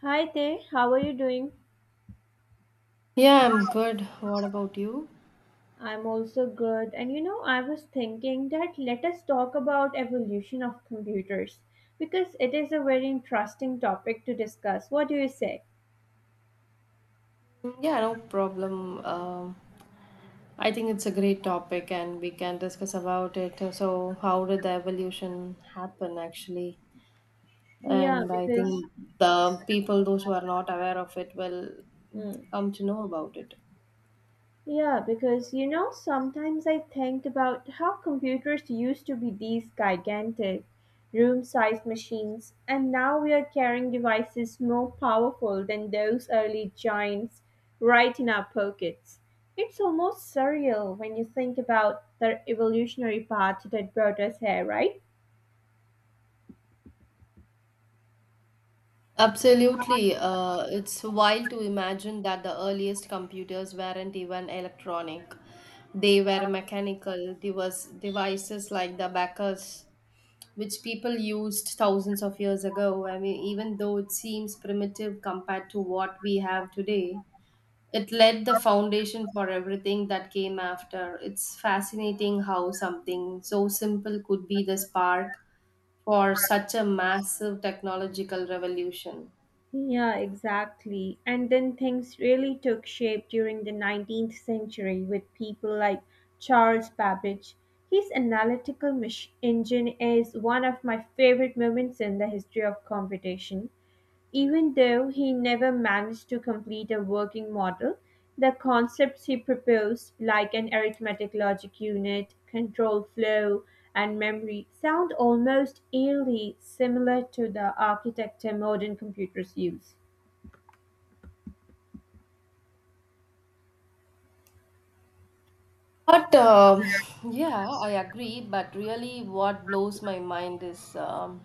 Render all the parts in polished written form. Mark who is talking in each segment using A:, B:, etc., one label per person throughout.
A: Hi there, how are you doing?
B: Yeah, I'm good. What about you?
A: I'm also good. And you know, I was thinking that let us talk about evolution of computers because it is a very interesting topic to discuss. What do you say?
B: Mm, yeah, no problem. I think it's a great topic and we can discuss about it. So, how did the evolution happen actually?
A: Yeah,
B: And I
A: because
B: think the people, those who are not aware of it, will
A: hmm.
B: come to know about it.
A: Yeah, because you know, sometimes I think about how computers used to be these gigantic, room sized machines, and now we are carrying devices more powerful than those early giants right in our pockets. It's almost surreal when you think about the evolutionary path that brought us here, right?
B: Absolutely. It's wild to imagine that the earliest computers weren't even electronic. They were mechanical devices like the Bacchus which people used thousands of years ago. I mean, even though it seems primitive compared to what we have today, it laid the foundation for everything that came after. It's fascinating how something so simple could be the spark for such a massive technological revolution.
A: Yeah, exactly. And then things really took shape during the 19th century with people like Charles Babbage. His analytical engine is one of my favorite moments in the history of computation. Even though he never managed to complete a working model, the concepts he proposed, like an arithmetic logic unit, control flow, and memory, sound almost eerily similar to the architecture modern computers use.
B: But yeah, I agree. But really, what blows my mind is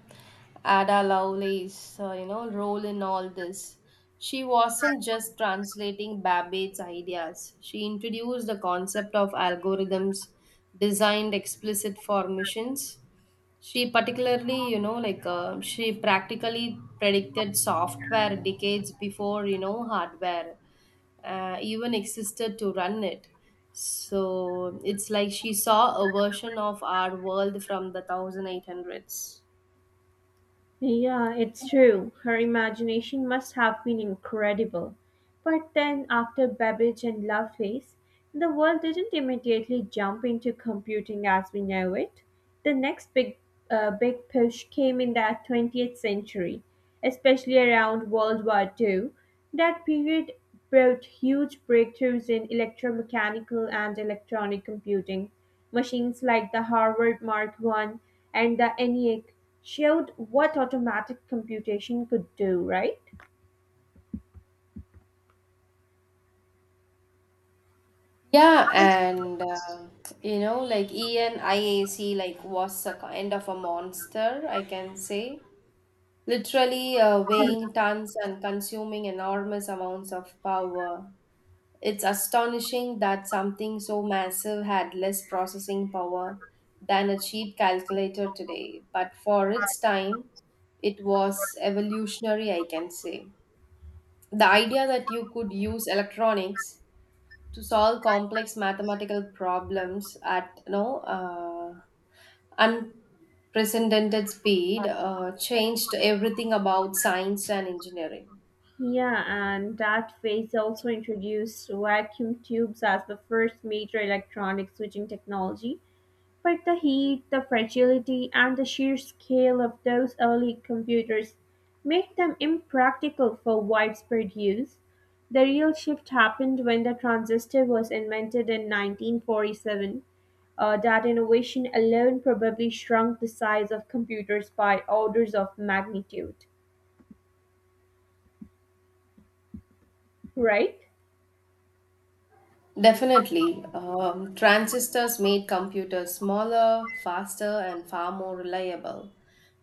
B: Ada Lovelace's, role in all this. She wasn't just translating Babbage's ideas. She introduced the concept of algorithms designed explicit for missions she particularly, you know, like she practically predicted software decades before, hardware even existed to run it. So it's like she saw a version of our world from the 1800s.
A: Yeah, it's true. Her imagination must have been incredible. But then, after Babbage and Loveface, the world didn't immediately jump into computing as we know it. The next big push came in the 20th century, especially around World War Two. That period brought huge breakthroughs in electromechanical and electronic computing. Machines like the Harvard Mark I and the ENIAC showed what automatic computation could do, right?
B: Yeah, and like ENIAC, like was a kind of a monster, I can say. Literally weighing tons and consuming enormous amounts of power. It's astonishing that something so massive had less processing power than a cheap calculator today, but for its time, it was evolutionary, I can say. The idea that you could use electronics to solve complex mathematical problems at unprecedented speed changed everything about science and engineering.
A: Yeah, and that phase also introduced vacuum tubes as the first major electronic switching technology. But the heat, the fragility, and the sheer scale of those early computers made them impractical for widespread use. The real shift happened when the transistor was invented in 1947. That innovation alone probably shrunk the size of computers by orders of magnitude, right?
B: Definitely. Transistors made computers smaller, faster, and far more reliable.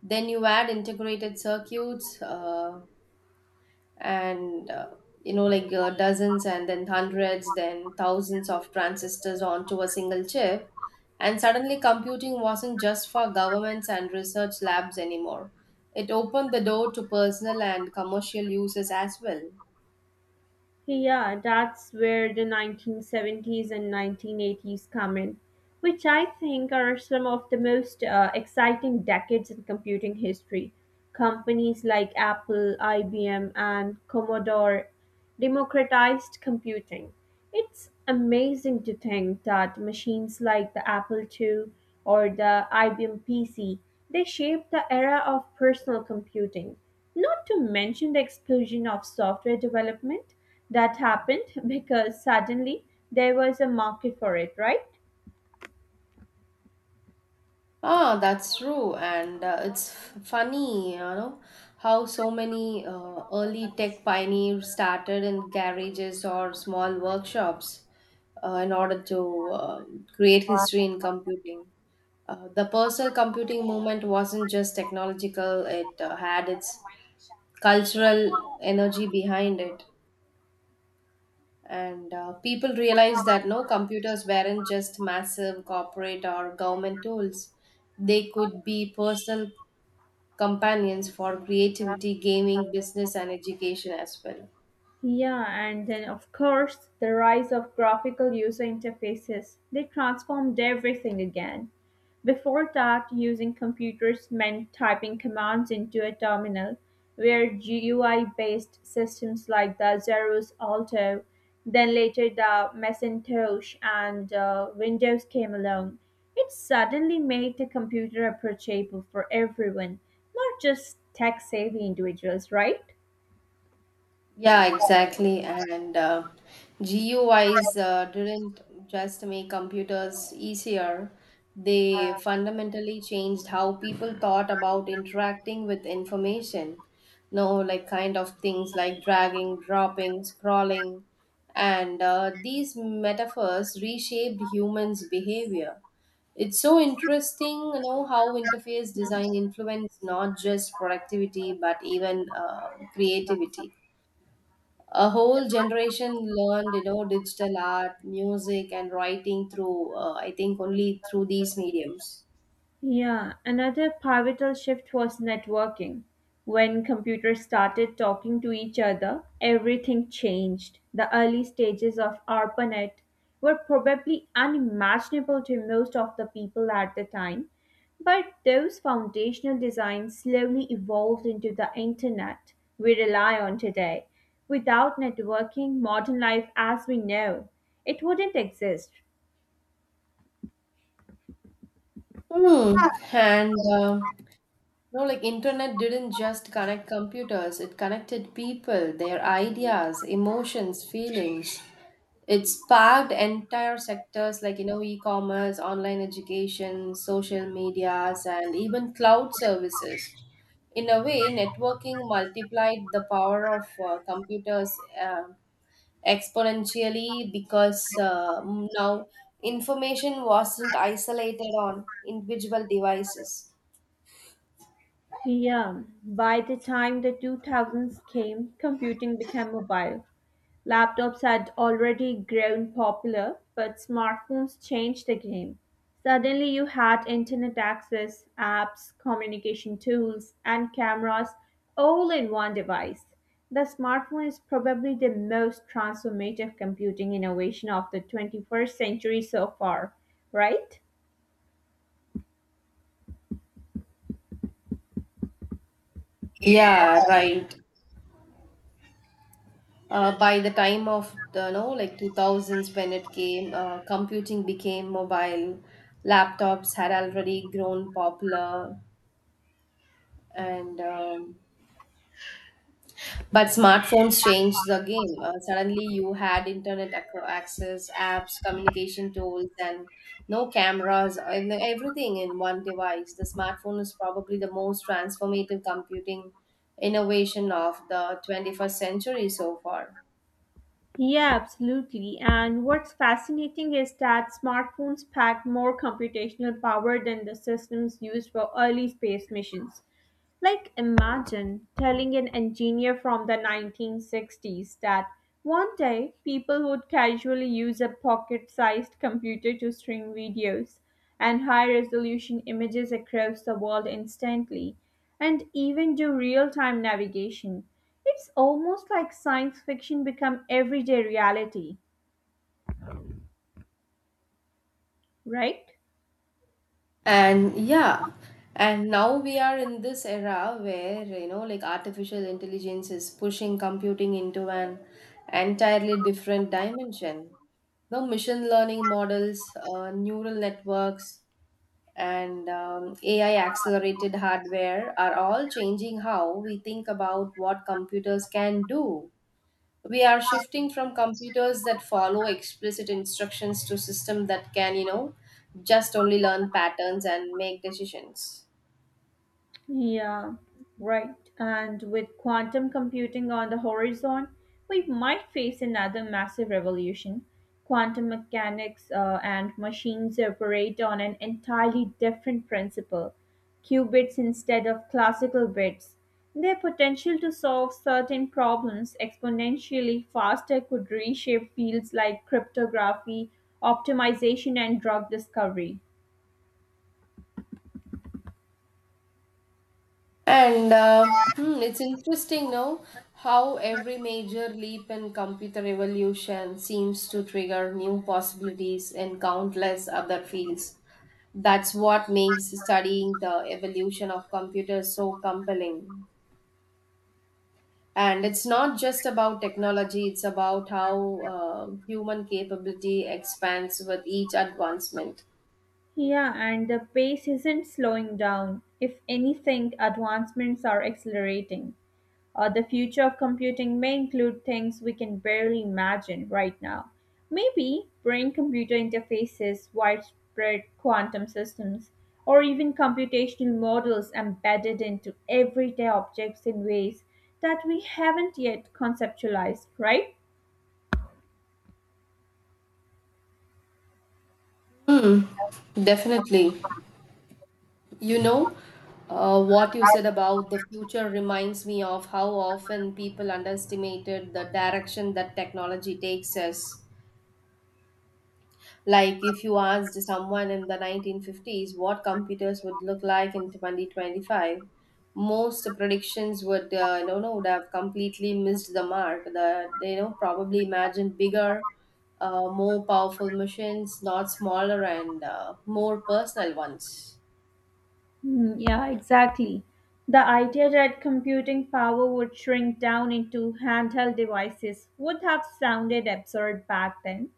B: Then you add integrated circuits and like dozens and then hundreds, then thousands of transistors onto a single chip. And suddenly, computing wasn't just for governments and research labs anymore. It opened the door to personal and commercial uses as well.
A: Yeah, that's where the 1970s and 1980s come in, which I think are some of the most exciting decades in computing history. Companies like Apple, IBM, and Commodore democratized computing. It's amazing to think that machines like the Apple II or the IBM PC, they shaped the era of personal computing, not to mention the explosion of software development that happened because suddenly there was a market for it, right?
B: Ah, that's true, and it's funny, how so many early tech pioneers started in garages or small workshops in order to create history in computing. The personal computing movement wasn't just technological, it had its cultural energy behind it. And people realized that no computers weren't just massive corporate or government tools, they could be personal companions for creativity, gaming, business, and education as well.
A: Yeah, and then of course the rise of graphical user interfaces. They transformed everything again. Before that, using computers meant typing commands into a terminal, where GUI based systems like the Xerox Alto, then later the Macintosh and Windows came along. It suddenly made the computer approachable for everyone, not just tech savvy individuals, right?
B: Yeah, exactly. And GUIs didn't just make computers easier, they fundamentally changed how people thought about interacting with information. No, like kind of things like dragging, dropping, scrolling. And these metaphors reshaped humans' behavior. It's so interesting, how interface design influenced not just productivity but even creativity. A whole generation learned digital art, music, and writing through I think only through these mediums.
A: Yeah, another pivotal shift was networking. When computers started talking to each other, everything changed. The early stages of ARPANET were probably unimaginable to most of the people at the time, but those foundational designs slowly evolved into the internet we rely on today. Without networking, modern life as we know, it wouldn't exist.
B: Hmm. And no, like internet didn't just connect computers, it connected people, their ideas, emotions, feelings. It sparked entire sectors like e-commerce, online education, social medias, and even cloud services. In a way, networking multiplied the power of computers. Uh, exponentially because now information wasn't isolated on individual devices.
A: Yeah, by the time the 2000s came, computing became mobile. Laptops had already grown popular, but smartphones changed the game. Suddenly, you had internet access, apps, communication tools, and cameras all in one device. The smartphone is probably the most transformative computing innovation of the 21st century so far, right?
B: Yeah, right. By the time of the no like 2000s when it came, computing became mobile. Laptops had already grown popular, and But smartphones changed the game. Suddenly, you had internet access, apps, communication tools, and no cameras, and everything in one device. The smartphone is probably the most transformative computing innovation of the 21st century so far.
A: Yeah, absolutely. And what's fascinating is that smartphones pack more computational power than the systems used for early space missions. Like, imagine telling an engineer from the 1960s that one day people would casually use a pocket sized computer to stream videos and high resolution images across the world instantly and even do real time navigation. It's almost like science fiction become everyday reality, right?
B: And yeah, and now we are in this era where, like artificial intelligence is pushing computing into an entirely different dimension. No machine learning models, neural networks, and AI accelerated hardware are all changing how we think about what computers can do. We are shifting from computers that follow explicit instructions to systems that can just only learn patterns and make decisions.
A: Yeah, right. And with quantum computing on the horizon, we might face another massive revolution. Quantum mechanics and machines operate on an entirely different principle qubits instead of classical bits. Their potential to solve certain problems exponentially faster could reshape fields like cryptography, optimization, and drug discovery.
B: And it's interesting now how every major leap in computer evolution seems to trigger new possibilities in countless other fields. That's what makes studying the evolution of computers so compelling, and it's not just about technology. It's about how human capability expands with each advancement.
A: Yeah, and the pace isn't slowing down. If anything, advancements are accelerating. The future of computing may include things we can barely imagine right now. Maybe brain computer interfaces, widespread quantum systems, or even computational models embedded into everyday objects in ways that we haven't yet conceptualized, right?
B: Hmm, definitely. You know uh, what you said about the future reminds me of how often people underestimated the direction that technology takes us. Like if you asked someone in the 1950s what computers would look like in 2025, most predictions would you know would have completely missed the mark. They probably imagined bigger, more powerful machines, not smaller and more personal ones.
A: Hmm, yeah, exactly. The idea that computing power would shrink down into handheld devices would have sounded absurd back then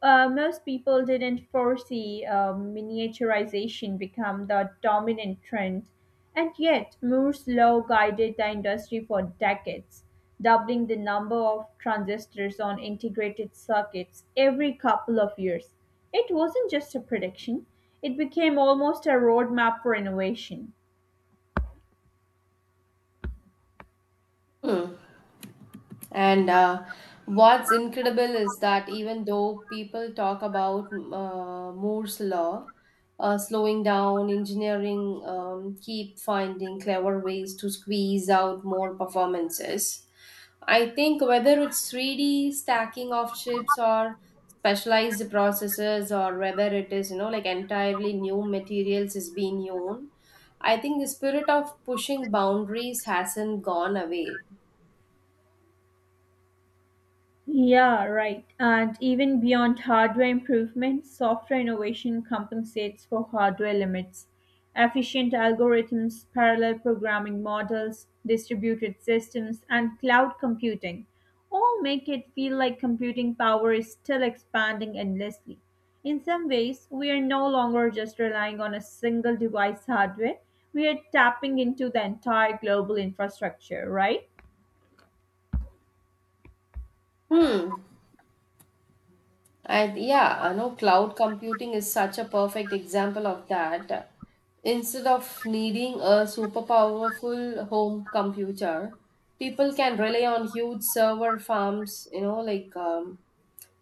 A: most people didn't foresee miniaturization become the dominant trend, and yet Moore's law guided the industry for decades, doubling the number of transistors on integrated circuits every couple of years. It wasn't just a prediction, it became almost a roadmap for innovation.
B: Hmm. And what's incredible is that even though people talk about Moore's law, slowing down engineering, keep finding clever ways to squeeze out more performances. I think whether it's 3D stacking of chips or specialized processors or whether it is, like entirely new materials is being used, I think the spirit of pushing boundaries hasn't gone away.
A: Yeah, right. And even beyond hardware improvements, software innovation compensates for hardware limits. Efficient algorithms, parallel programming models, distributed systems, and cloud computing all make it feel like computing power is still expanding endlessly. In some ways, we are no longer just relying on a single device hardware, we are tapping into the entire global infrastructure, right?
B: Hmm. And yeah, I know cloud computing is such a perfect example of that. Instead of needing a super powerful home computer, people can rely on huge server farms, like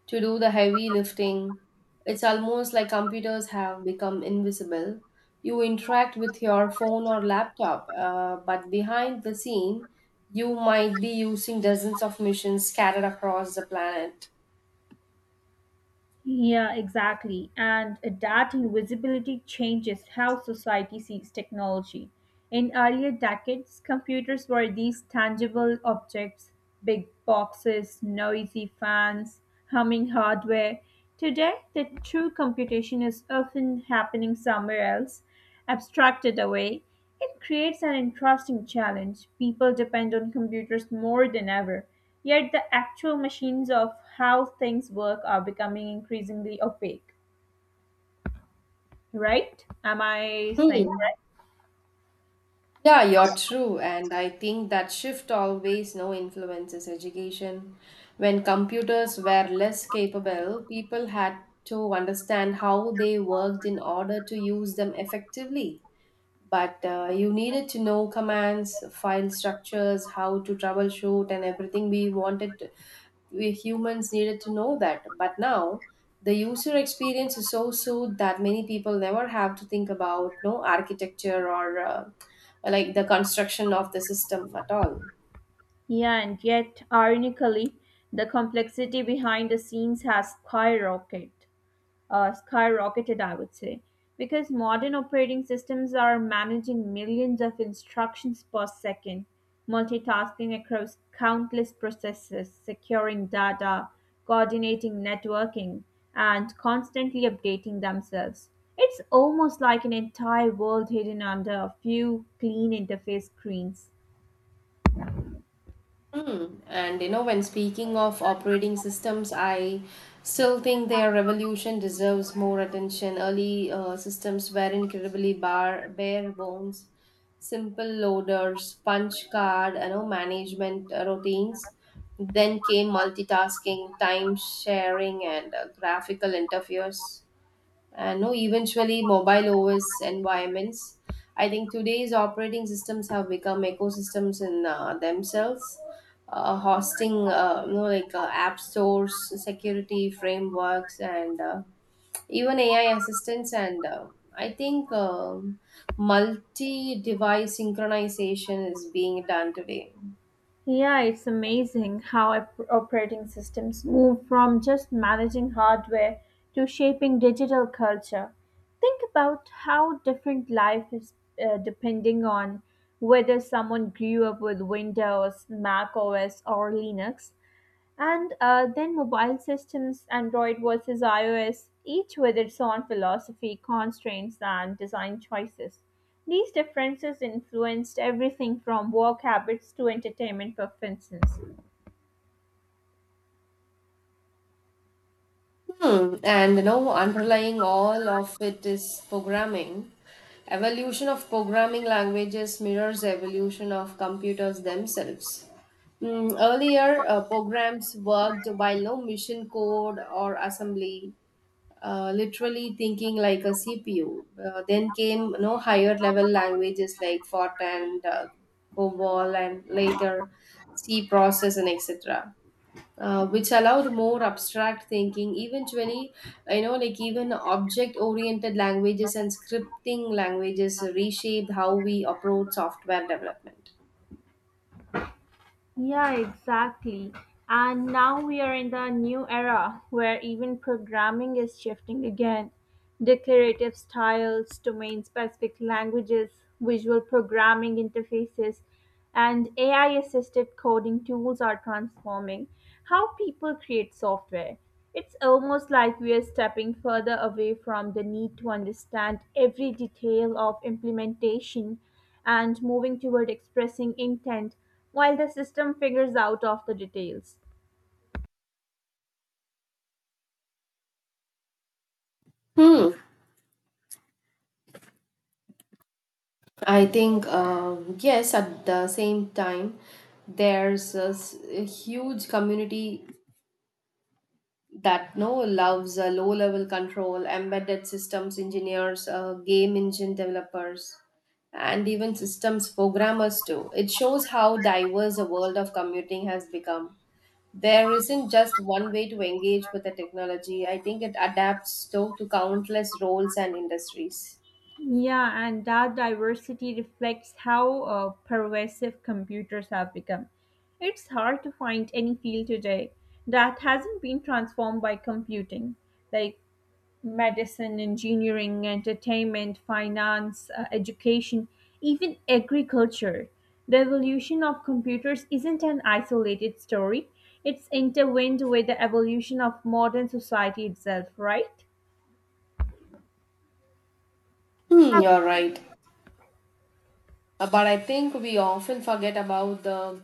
B: to do the heavy lifting. It's almost like computers have become invisible. You interact with your phone or laptop, but behind the scene, you might be using dozens of machines scattered across the planet.
A: Yeah, exactly. And that invisibility changes how society sees technology. In earlier decades, computers were these tangible objects big boxes, noisy fans, humming hardware. Today, the true computation is often happening somewhere else, abstracted away. It creates an interesting challenge. People depend on computers more than ever. Yet the actual machines of how things work are becoming increasingly opaque, right? Am I saying
B: Hmm.
A: correct?
B: Yeah, you're true. And I think that shift always no influences education. When computers were less capable, people had to understand how they worked in order to use them effectively, but you needed to know commands, file structures, how to troubleshoot, and everything we wanted, we humans needed to know that. But now the user experience is so smooth that many people never have to think about no architecture or like the construction of the system at all.
A: Yeah, and yet, ironically, the complexity behind the scenes has skyrocketed. Skyrocketed, I would say, because modern operating systems are managing millions of instructions per second, multitasking across countless processes, securing data, coordinating networking, and constantly updating themselves. It's almost like an entire world hidden under a few clean interface screens.
B: Mm. And when speaking of operating systems, I still think their revolution deserves more attention. Early systems were incredibly bare bones, simple loaders, punch card, management routines. Then came multitasking, time sharing, and graphical interfaces, and no eventually mobile OS environments. I think today's operating systems have become ecosystems in themselves, hosting like app stores, security frameworks, and even AI assistants. And I think multi-device synchronization is being done today.
A: Yeah, it's amazing how operating systems move from just managing hardware to shaping digital culture. Think about how different life is depending on whether someone grew up with Windows, Mac OS, or Linux. And then mobile systems, Android versus iOS, each with its own philosophy, constraints, and design choices. These differences influenced everything from work habits to entertainment preferences.
B: Hmm. And underlying all of it is programming. Evolution of programming languages mirrors evolution of computers themselves. Earlier, programs worked by no machine code or assembly, literally thinking like a CPU. Then came no higher level languages like Fortran, COBOL, and later C process and etc. Which allowed more abstract thinking. Eventually, like even object oriented languages and scripting languages reshaped how we approach software development.
A: Yeah, exactly. And now we are in the new era where even programming is shifting again. Declarative styles, domain specific languages, visual programming interfaces, and AI assisted coding tools are transforming how people create software. It's almost like we are stepping further away from the need to understand every detail of implementation and moving toward expressing intent while the system figures out of the details.
B: Hmm. I think yes. At the same time, there's a huge community that no loves low level control, embedded systems engineers, game engine developers, and even systems programmers too. It shows how diverse the world of computing has become. There isn't just one way to engage with the technology. I think it adapts though to countless roles and industries.
A: Yeah, and that diversity reflects how pervasive computers have become. It's hard to find any field today that hasn't been transformed by computing. Like medicine, engineering, entertainment, finance, education, even agriculture. The evolution of computers isn't an isolated story, it's intertwined with the evolution of modern society itself, right?
B: Hmm, you're right. But I think we often forget about the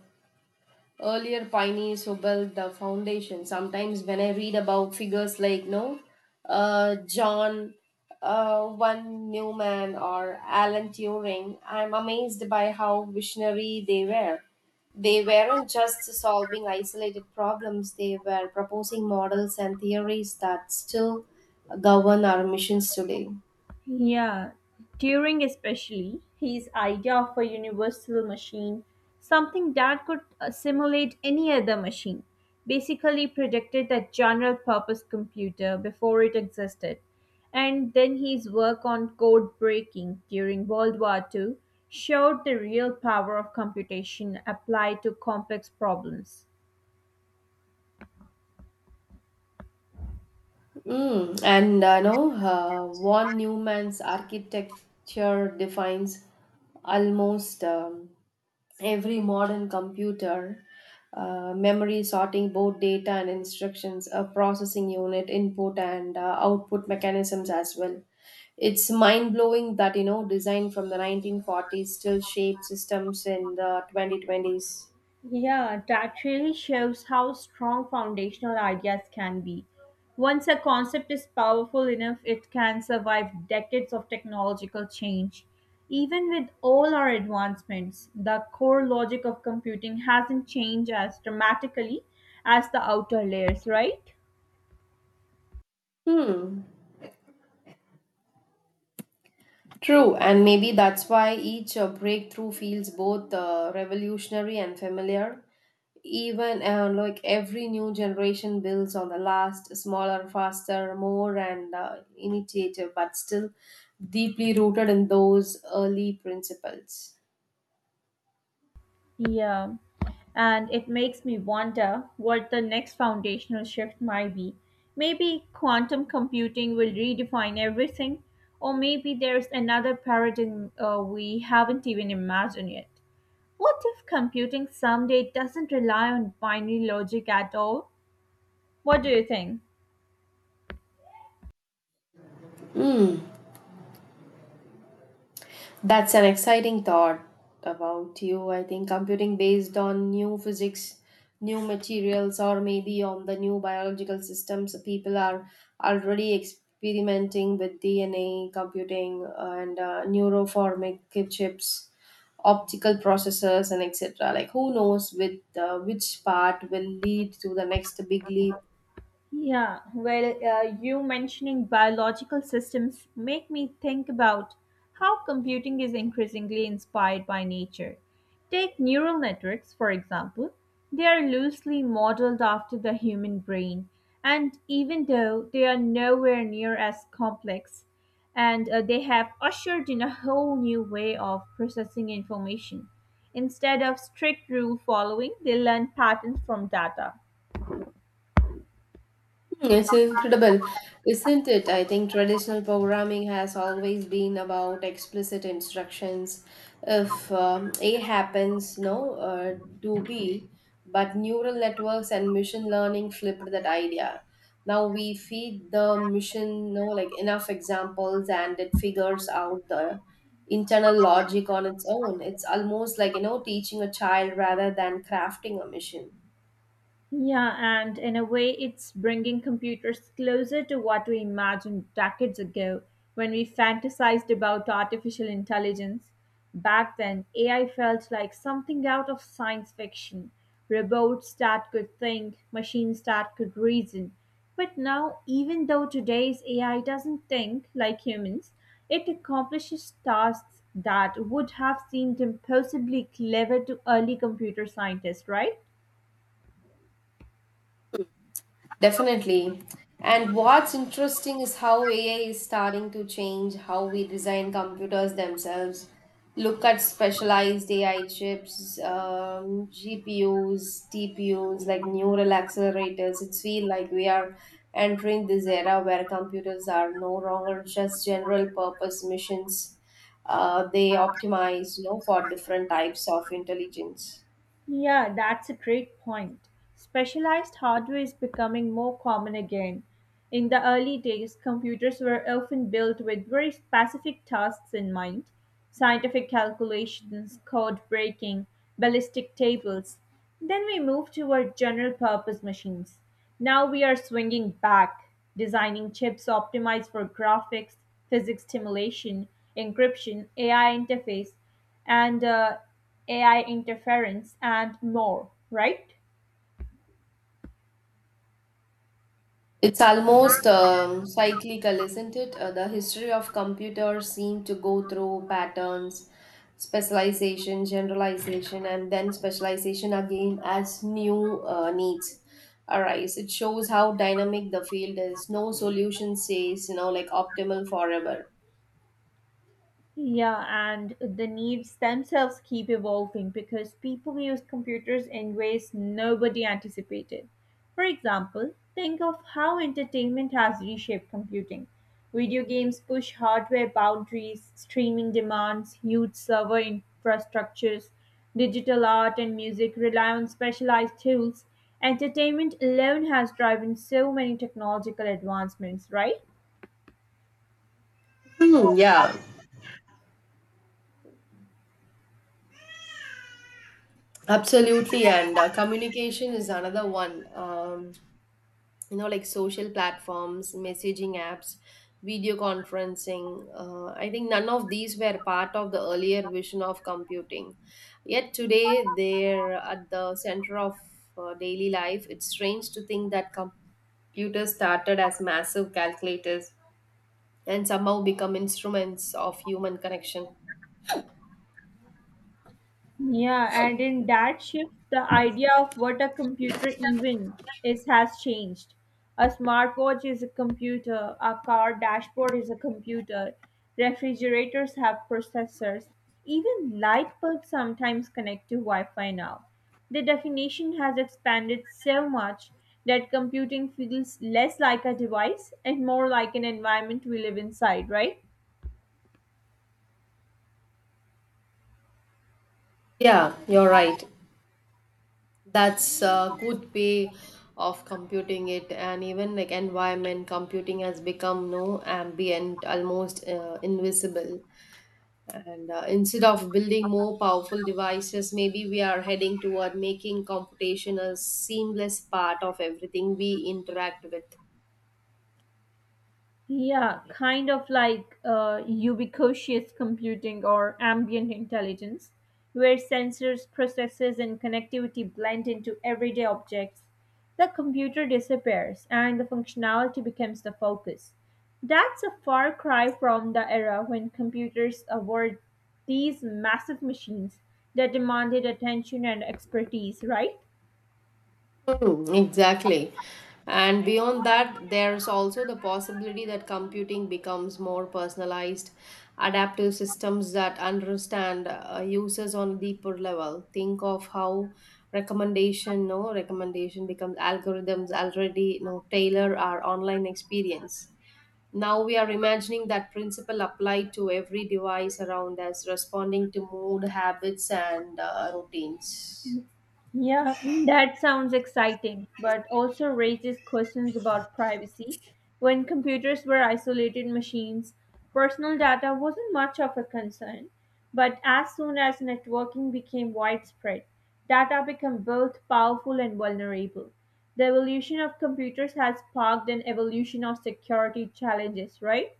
B: earlier pioneers who built the foundation. Sometimes when I read about figures like no, John, one Newman or Alan Turing, I'm amazed by how visionary they were. They weren't just solving isolated problems; they were proposing models and theories that still govern our missions today.
A: Yeah, Turing especially, his idea of a universal machine, something that could simulate any other machine, basically predicted that general purpose computer before it existed. And then his work on code breaking during World War Two showed the real power of computation applied to complex problems.
B: And I know Von Neumann's architecture defines almost every modern computer. Memory sorting both data and instructions, a processing unit, input and output mechanisms as well. It's mind blowing that design from the 1940s still shapes systems in the 2020s.
A: Yeah, that really shows how strong foundational ideas can be. Once a concept is powerful enough, it can survive decades of technological change. Even with all our advancements, the core logic of computing hasn't changed as dramatically as the outer layers, right?
B: Hmm. True, and maybe that's why each breakthrough feels both revolutionary and familiar. Even like every new generation builds on the last, smaller, faster, more, and initiative, but still deeply rooted in those early principles.
A: Yeah. And it makes me wonder what the next foundational shift might be. Maybe quantum computing will redefine everything, or maybe there's another paradigm we haven't even imagined yet. What if computing someday doesn't rely on binary logic at all? What do you think?
B: That's an exciting thought about you. I think computing based on new physics, new materials, or maybe on the new biological systems, people are already experimenting with DNA computing and neuroformic chips, optical processors, and etc. Like, who knows with which part will lead to the next big leap.
A: Yeah, well, you mentioning biological systems make me think about how computing is increasingly inspired by nature. Take neural networks, for example. They are loosely modeled after the human brain, and even though they are nowhere near as complex, and they have ushered in a whole new way of processing information. Instead of strict rule following, they learn patterns from data.
B: Hmm, it's incredible, isn't it? I think traditional programming has always been about explicit instructions. If A happens, no, do B. But neural networks and machine learning flipped that idea. Now we feed the machine, no, like enough examples, and it figures out the internal logic on its own. It's almost like teaching a child rather than crafting a machine.
A: Yeah, and in a way, it's bringing computers closer to what we imagined decades ago when we fantasized about artificial intelligence. Back then, AI felt like something out of science fiction robots that could think, machines that could reason. But now, even though today's AI doesn't think like humans, it accomplishes tasks that would have seemed impossibly clever to early computer scientists, right?
B: Definitely. And what's interesting is how AI is starting to change how we design computers themselves. Look at specialized AI chips, GPUs, TPUs, like neural accelerators. It's feel like we are entering this era where computers are no longer just general purpose machines. They optimize, for different types of intelligence.
A: Yeah, that's a great point. Specialized hardware is becoming more common again. In the early days, computers were often built with very specific tasks in mind scientific calculations, code breaking, ballistic tables. Then we moved toward general purpose machines. Now we are swinging back, designing chips optimized for graphics, physics simulation, encryption, AI interface and AI interference and more, right?
B: It's almost cyclical, isn't it? The history of computers seem to go through patterns, specialization, generalization, and then specialization again as new needs arise. It shows how dynamic the field is. No solution says, like optimal forever.
A: Yeah, and the needs themselves keep evolving because people use computers in ways nobody anticipated. For example, think of how entertainment has reshaped computing. Video games push hardware boundaries, streaming demands huge server infrastructures, digital art and music rely on specialized tools. Entertainment alone has driven so many technological advancements, right?
B: Hmm, yeah, absolutely. And communication is another one. Like social platforms, messaging apps, video conferencing, I think none of these were part of the earlier vision of computing, yet today they're at the center of daily life. It's strange to think that computers started as massive calculators and somehow become instruments of human connection.
A: Yeah, and in that shift, the idea of what a computer even is has changed. A smartwatch is a computer, a car dashboard is a computer, refrigerators have processors, even light bulbs sometimes connect to Wi Fi now. The definition has expanded so much that computing feels less like a device and more like an environment we live inside, right?
B: Yeah, you're right. That's a good way of computing it. And even like environment computing has become no ambient, almost invisible, and instead of building more powerful devices, maybe we are heading toward making computation a seamless part of everything we interact with.
A: Yeah, kind of like ubiquitous computing or ambient intelligence, where sensors, processes, and connectivity blend into everyday objects. The computer disappears and the functionality becomes the focus. That's a far cry from the era when computers were these massive machines that demanded attention and expertise, right?
B: Hmm, exactly. And beyond that, there's also the possibility that computing becomes more personalized, adaptive systems that understand users on a deeper level. Think of how recommendation becomes algorithms already, no tailor our online experience. Now we are imagining that principle applied to every device around us, responding to mood, habits, and routines.
A: Yeah, that sounds exciting, but also raises questions about privacy. When computers were isolated machines, personal data wasn't much of a concern. But as soon as networking became widespread, data became both powerful and vulnerable. The evolution of computers has sparked an evolution of security challenges, right?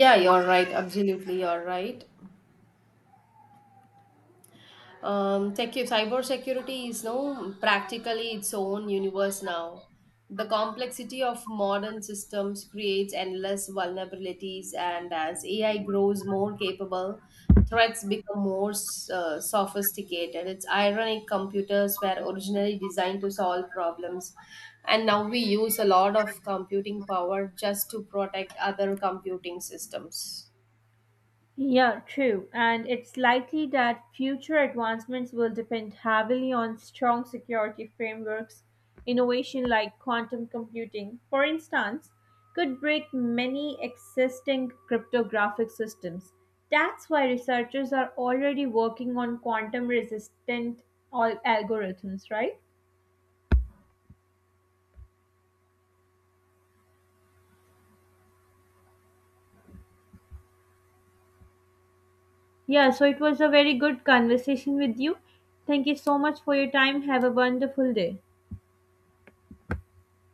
B: Yeah, you're right. Absolutely, you're right. Cyber security is now practically its own universe now. The complexity of modern systems creates endless vulnerabilities, and as AI grows more capable, threats become more sophisticated. It's ironic, computers were originally designed to solve problems, and now we use a lot of computing power just to protect other computing systems.
A: Yeah, true. And it's likely that future advancements will depend heavily on strong security frameworks. Innovation like quantum computing, for instance, could break many existing cryptographic systems. That's why researchers are already working on quantum resistant all algorithms, right? Yeah, so it was a very good conversation with you. Thank you so much for your time. Have a wonderful day.